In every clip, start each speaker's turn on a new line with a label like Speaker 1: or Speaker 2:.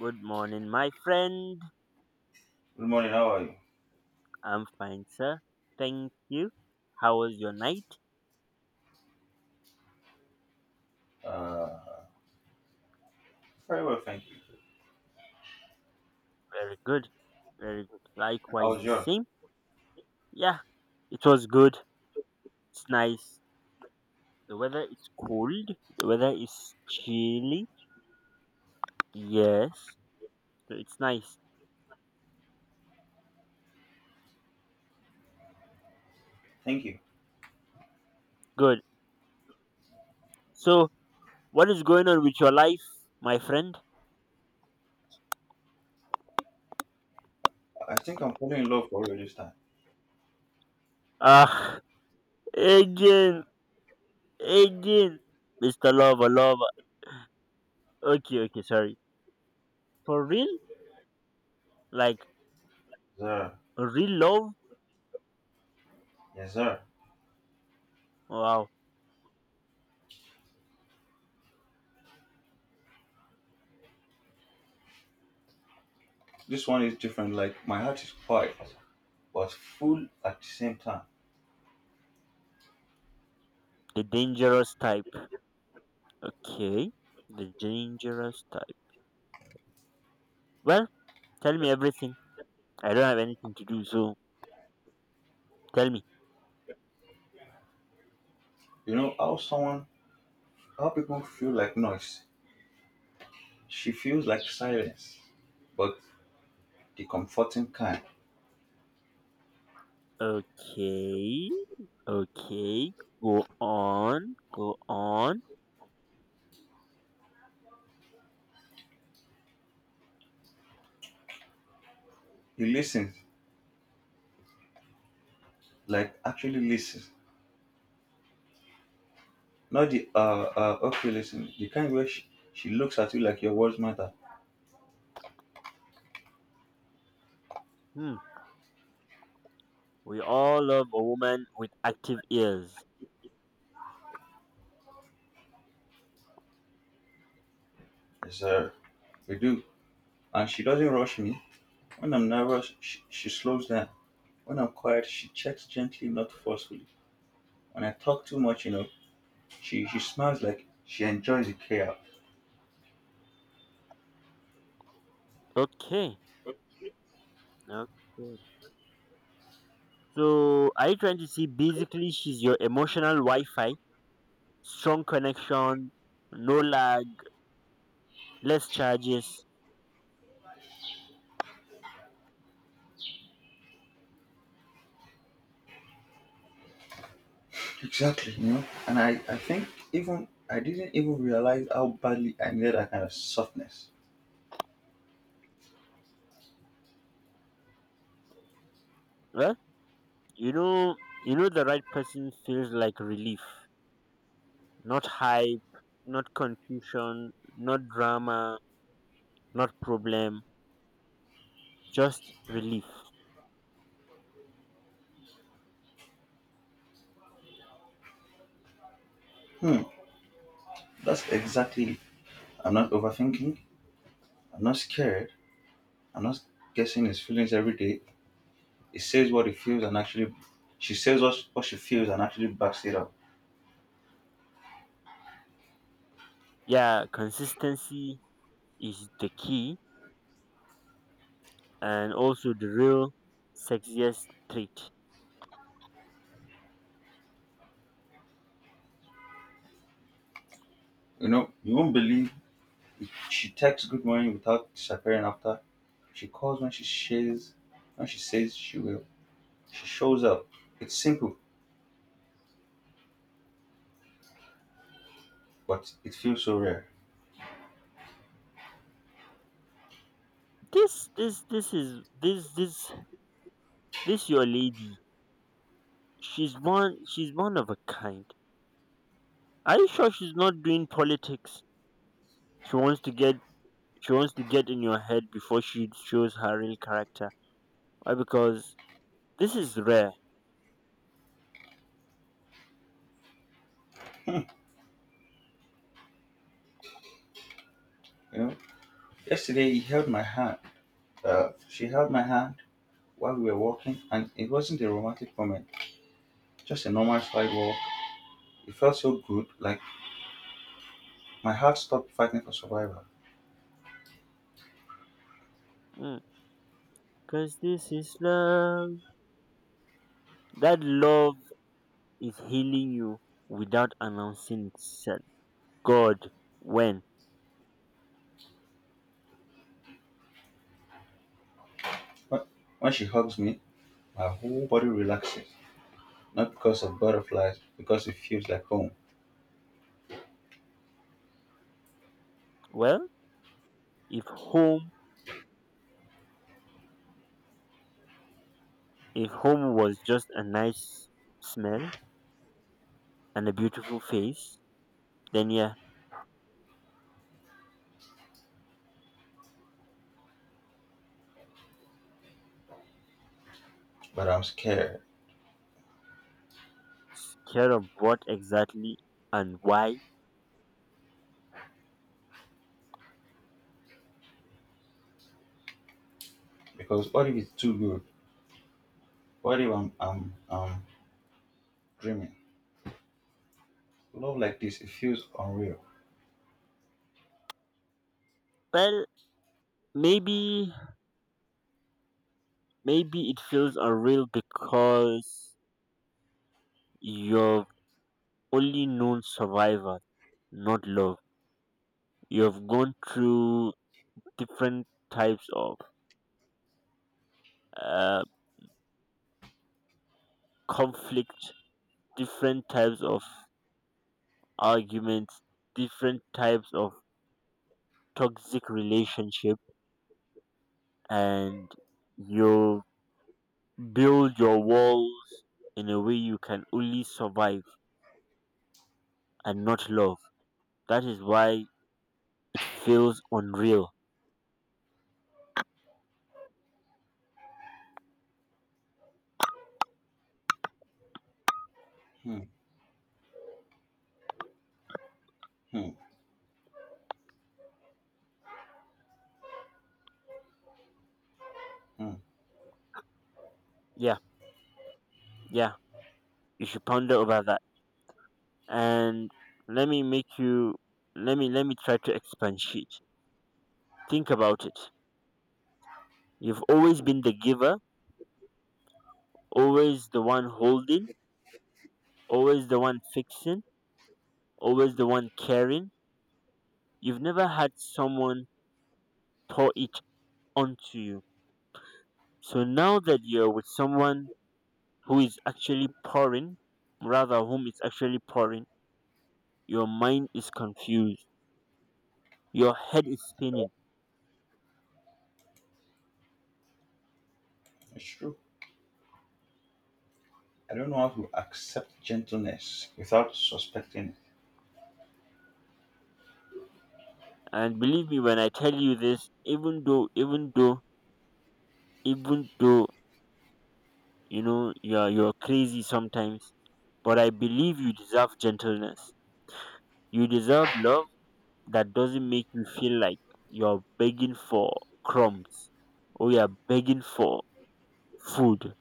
Speaker 1: Good morning, my friend.
Speaker 2: Good morning. How are you?
Speaker 1: I'm fine, sir. Thank you. How was your night?
Speaker 2: Uh, Very well, thank you.
Speaker 1: Very good. Very good.
Speaker 2: How
Speaker 1: Likewise,
Speaker 2: was
Speaker 1: the
Speaker 2: yours?
Speaker 1: same. Yeah, it was good. It's nice. The weather is cold. The weather is chilly. Yes. So it's nice.
Speaker 2: Thank you.
Speaker 1: Good. So, what is going on with your life, my friend?
Speaker 2: I think I'm falling in love for real this time.
Speaker 1: Ah, again. Again. Mr. Lover, Lover. Okay, okay, sorry. For real? Like,
Speaker 2: Sir.
Speaker 1: real love?
Speaker 2: Yes, sir.
Speaker 1: Wow.
Speaker 2: This one is different. Like, my heart is quiet, but full at the same time.
Speaker 1: The dangerous type. Okay. The dangerous type. Well, tell me everything. I don't have anything to do, so tell me.
Speaker 2: You know how people feel like noise. She feels like silence, but the comforting kind.
Speaker 1: Okay. Okay. Go on. Go on.
Speaker 2: You listen, like actually listen. Not the okay listen. The kind where she looks at you like your words matter.
Speaker 1: Hmm. We all love a woman with active ears.
Speaker 2: Yes, sir. We do. And she doesn't rush me. When I'm nervous, she slows down. When I'm quiet, she checks gently, not forcefully. When I talk too much, you know, she smiles like she enjoys the chaos.
Speaker 1: Okay. Okay. So, are you trying to see basically she's your emotional Wi Fi? Strong connection, no lag, less charges.
Speaker 2: Exactly, you know. And I think even I didn't even realize how badly I needed that kind of softness.
Speaker 1: Well, You know, you know the right person feels like relief, not hype, not confusion, not drama, not problem, just relief.
Speaker 2: Hmm, that's exactly it. I'm not overthinking. I'm not scared. I'm not guessing his feelings every day. He says what he feels and actually, she says what she feels and actually backs it up.
Speaker 1: Yeah, consistency is the key and also the real sexiest trait.
Speaker 2: You know, you won't believe. She texts good morning without disappearing after. She calls when she says she will. She shows up. It's simple, but it feels so rare.
Speaker 1: This this your lady. She's one of a kind. Are you sure she's not doing politics? She wants to get she wants to get in your head before she shows her real character. Why? Because this is rare.
Speaker 2: You know. Yesterday he held my hand. She held my hand while we were walking, and it wasn't a romantic moment. Just a normal side walk. It felt so good, like my heart stopped fighting for survival.
Speaker 1: Because this is love. That love is healing you without announcing itself. God, when?
Speaker 2: When, when she hugs me, my whole body relaxes. Not because of butterflies, because it feels like home.
Speaker 1: Well, if home, if home was just a nice smell and a beautiful face, then yeah,
Speaker 2: But I'm scared,
Speaker 1: care of what exactly and why.
Speaker 2: because what if it's too good? What if I'm dreaming? Love like this, it feels unreal.
Speaker 1: Well, maybe, maybe it feels unreal because you've only known survival, not love. You've gone through different types of uh, conflict, different types of arguments, different types of toxic relationship, and you build your walls in a way you can only survive and not love. That is why it feels unreal.
Speaker 2: Hmm, hmm, hmm.
Speaker 1: Yeah, yeah. You should ponder over that. And let me make you. Let me try to expatiate. Think about it. You've always been the giver, always the one holding, always the one fixing, always the one caring. You've never had someone pour it onto you. So now that you're with someone who is actually pouring, rather whom is actually pouring, your mind is confused. Your head is spinning.
Speaker 2: It's true. I don't know how to accept gentleness without suspecting it.
Speaker 1: And believe me when I tell you this, even though you know you're crazy sometimes, but I believe you deserve gentleness. You deserve love that doesn't make you feel like you're begging for crumbs or you're begging for food.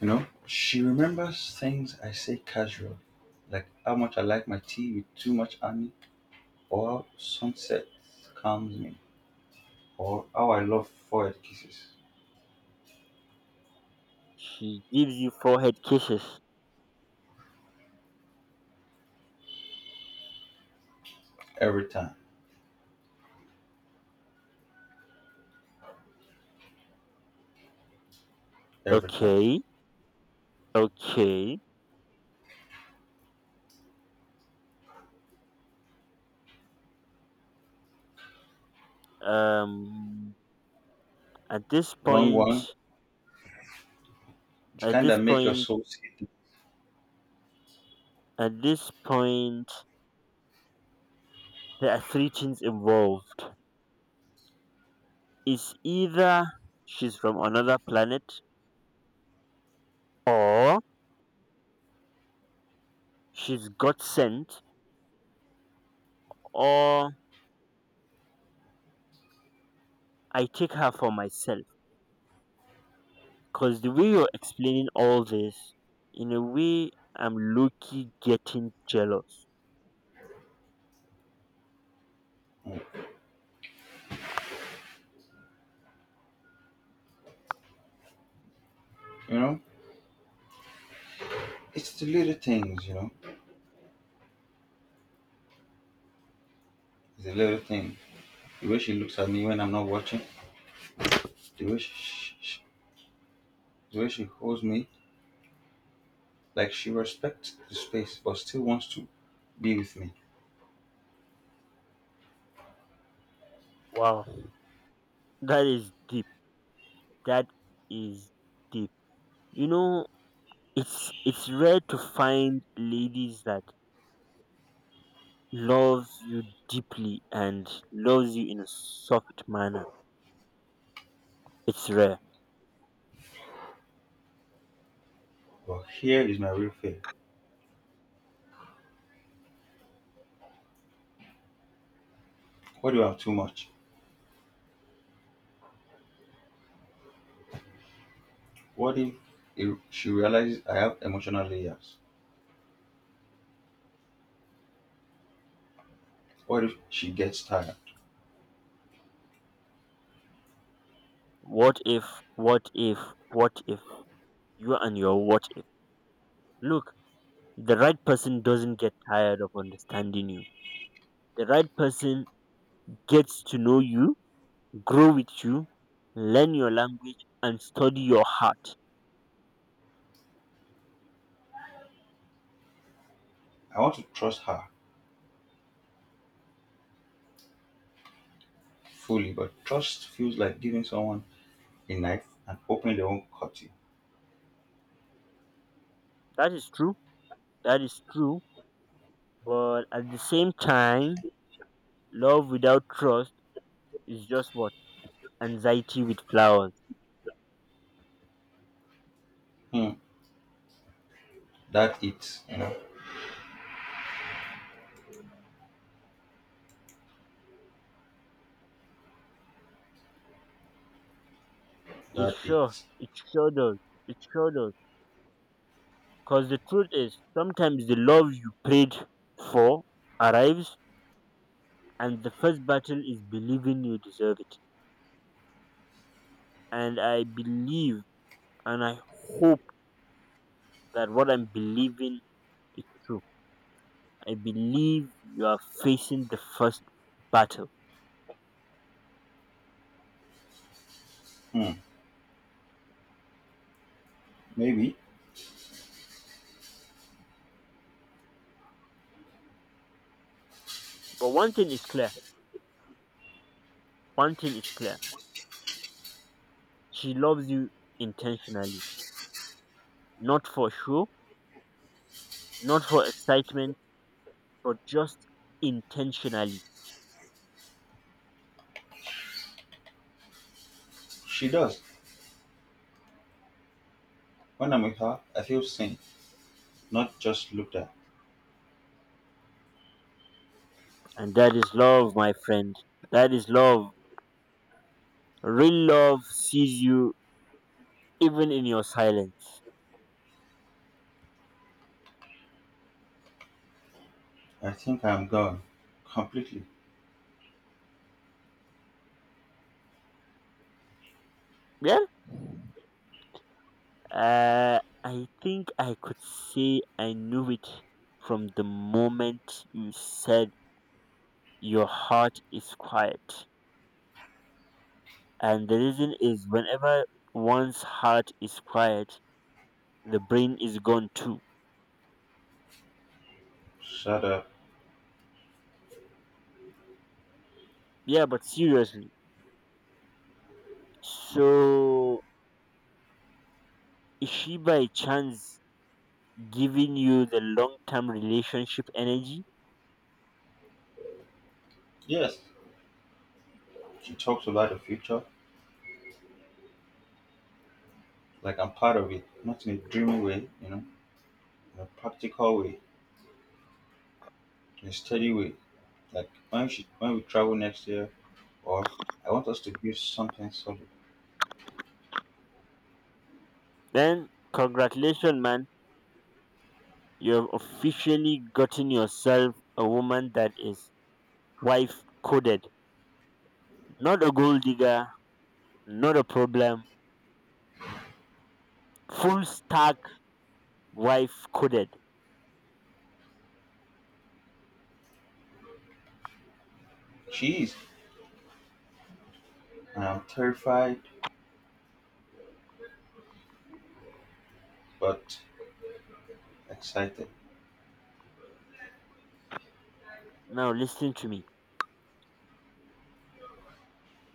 Speaker 2: You know, she remembers things I say casually, like how much I like my tea with too much honey, or how sunset calms me, or how I love forehead kisses.
Speaker 1: She gives you forehead kisses.
Speaker 2: Every time, every time.
Speaker 1: Okay, okay. Um, at this
Speaker 2: Long one,
Speaker 1: point,
Speaker 2: the
Speaker 1: at
Speaker 2: kind that
Speaker 1: this
Speaker 2: make your
Speaker 1: point,
Speaker 2: soul sit.
Speaker 1: at this point, there are three things involved. It's either she's from another planet, or she's got sent, or I take her for myself. Because the way you're explaining all this, in a way, I'm low key getting jealous.
Speaker 2: You know, it's the little things, you know, the little things. The way she looks at me when I'm not watching, the way the way she holds me, like she respects the space but still wants to be with me.
Speaker 1: Wow, that is deep. That is deep. You know, it's rare to find ladies that loves you deeply and loves you in a soft manner. It's rare.
Speaker 2: But here is my real fear. What if I have too much? What if she realizes I have emotional layers? What if she gets tired?
Speaker 1: What if? What if? What if? You and your what if. Look, the right person doesn't get tired of understanding you. The right person gets to know you grow with you, learn your language, and study your heart.
Speaker 2: I want to trust her fully, but trust feels like giving someone a knife and opening their own cutty.
Speaker 1: That is true. That is true. But at the same time, love without trust is just what? Anxiety with flowers.
Speaker 2: Hmm, that it, you know,
Speaker 1: It
Speaker 2: that
Speaker 1: sure,
Speaker 2: it.
Speaker 1: it sure does. It sure does. Because the truth is, sometimes the love you prayed for arrives, and the first battle is believing you deserve it. And I believe and I hope that what I'm believing is true. I believe you are facing the first battle.
Speaker 2: Hmm, maybe
Speaker 1: But one thing is clear. One thing is clear. She loves you intentionally. Not for show, not for excitement, but just intentionally.
Speaker 2: she does. When I'm with her, I feel seen, not just looked at.
Speaker 1: And that is love, my friend. That is love. Real love sees you even in your silence.
Speaker 2: I think I'm gone. Completely.
Speaker 1: Yeah? Uh, I think I could say I knew it from the moment you said your heart is quiet. And the reason is whenever one's heart is quiet, the brain is gone too.
Speaker 2: Shut up.
Speaker 1: Yeah, but seriously. So is she by chance giving you the long term relationship energy?
Speaker 2: Yes, she talks about the future like I'm part of it. Not in a dreamy way, you know, in a practical way, in a steady way. Like, when we travel next year, or I want us to build something solid.
Speaker 1: Then congratulations man, you have officially gotten yourself a woman that is wife coded. Not a gold digger, not a problem. Full stack wife coded.
Speaker 2: She is, and I'm terrified but excited.
Speaker 1: Now listen to me.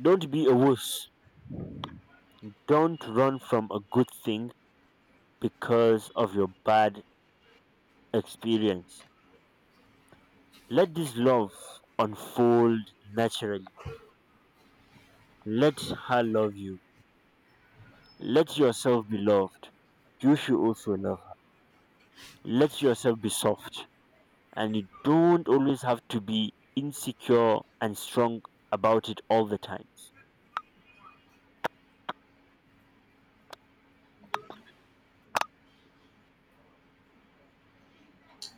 Speaker 1: Don't be a wuss. Don't run from a good thing because of your bad experience. Let this love unfold naturally. Let her love you. Let yourself be loved. You should also love her. Let yourself be soft. And you don't always have to be insecure and strong about it all the time.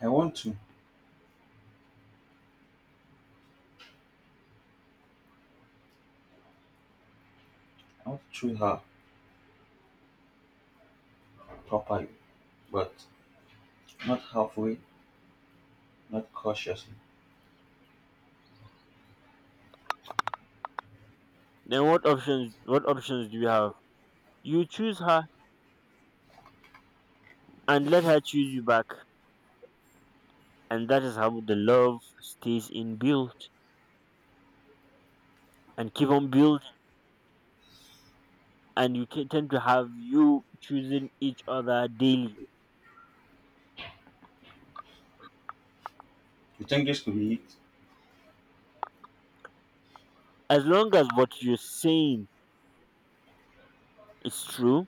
Speaker 2: I want to, I want to treat her properly, but not halfway, not cautiously.
Speaker 1: Then what options do you have? You choose her and let her choose you back. And that is how the love stays in built and keep on building. And you ca- tend to have you choosing each other daily.
Speaker 2: You think this could be it?
Speaker 1: As long as what you're saying is true,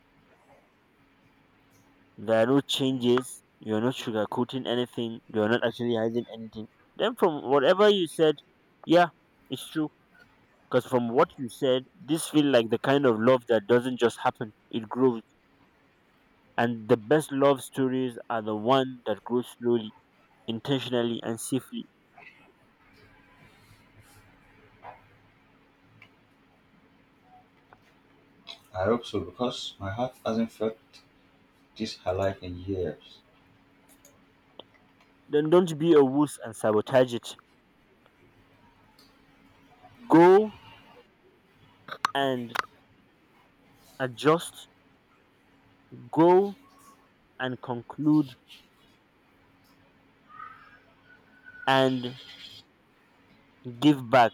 Speaker 1: there are no changes, you're not sugarcoating anything, you're not actually hiding anything, then from whatever you said, yeah, it's true. Because from what you said, this feel like the kind of love that doesn't just happen, it grows. And the best love stories are the one that grows slowly, intentionally, and safely.
Speaker 2: I hope so, because my heart hasn't felt this her life in years.
Speaker 1: Then don't be a wuss and sabotage it. Go and adjust. Go and conclude and give back.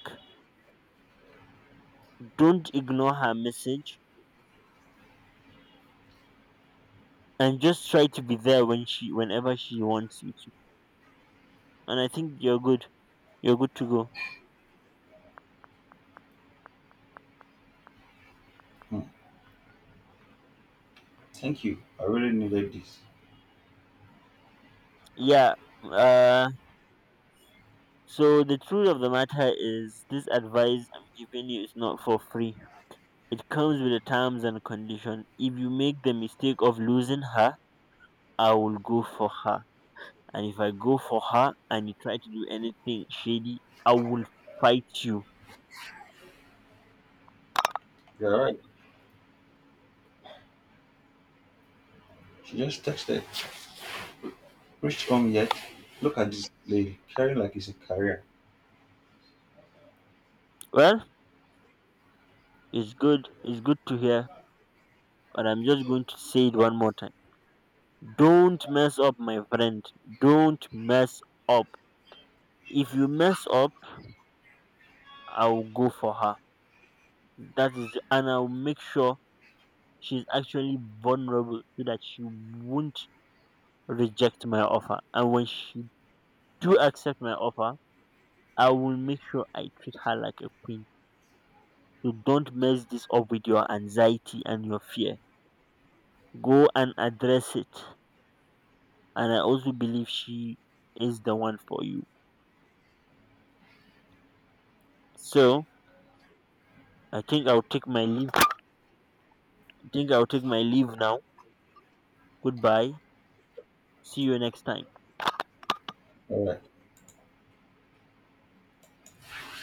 Speaker 1: Don't ignore her message and just try to be there when she whenever she wants you to. And I think you're good. You're good to go.
Speaker 2: Hmm. Thank you. I really needed this.
Speaker 1: Yeah. Uh so the truth of the matter is this advice I'm giving you is not for free. It comes with the terms and condition. If you make the mistake of losing her, I will go for her. And if I go for her and you try to do anything shady, I will fight you.
Speaker 2: You're right. She just texted. Rich home yet? Look at this lady carrying like it's a career.
Speaker 1: Well, it's good. It's good to hear, but I'm just going to say it one more time. Don't mess up, my friend. Don't mess up. If you mess up, I'll go for her. That is, and I'll make sure she's actually vulnerable so that she won't reject my offer. And when she do accept my offer, I will make sure I treat her like a queen. So don't mess this up with your anxiety and your fear. Go and address it. And I also believe she is the one for you. So I think I'll take my leave. I think I'll take my leave now. Goodbye. See you next time.
Speaker 2: All right.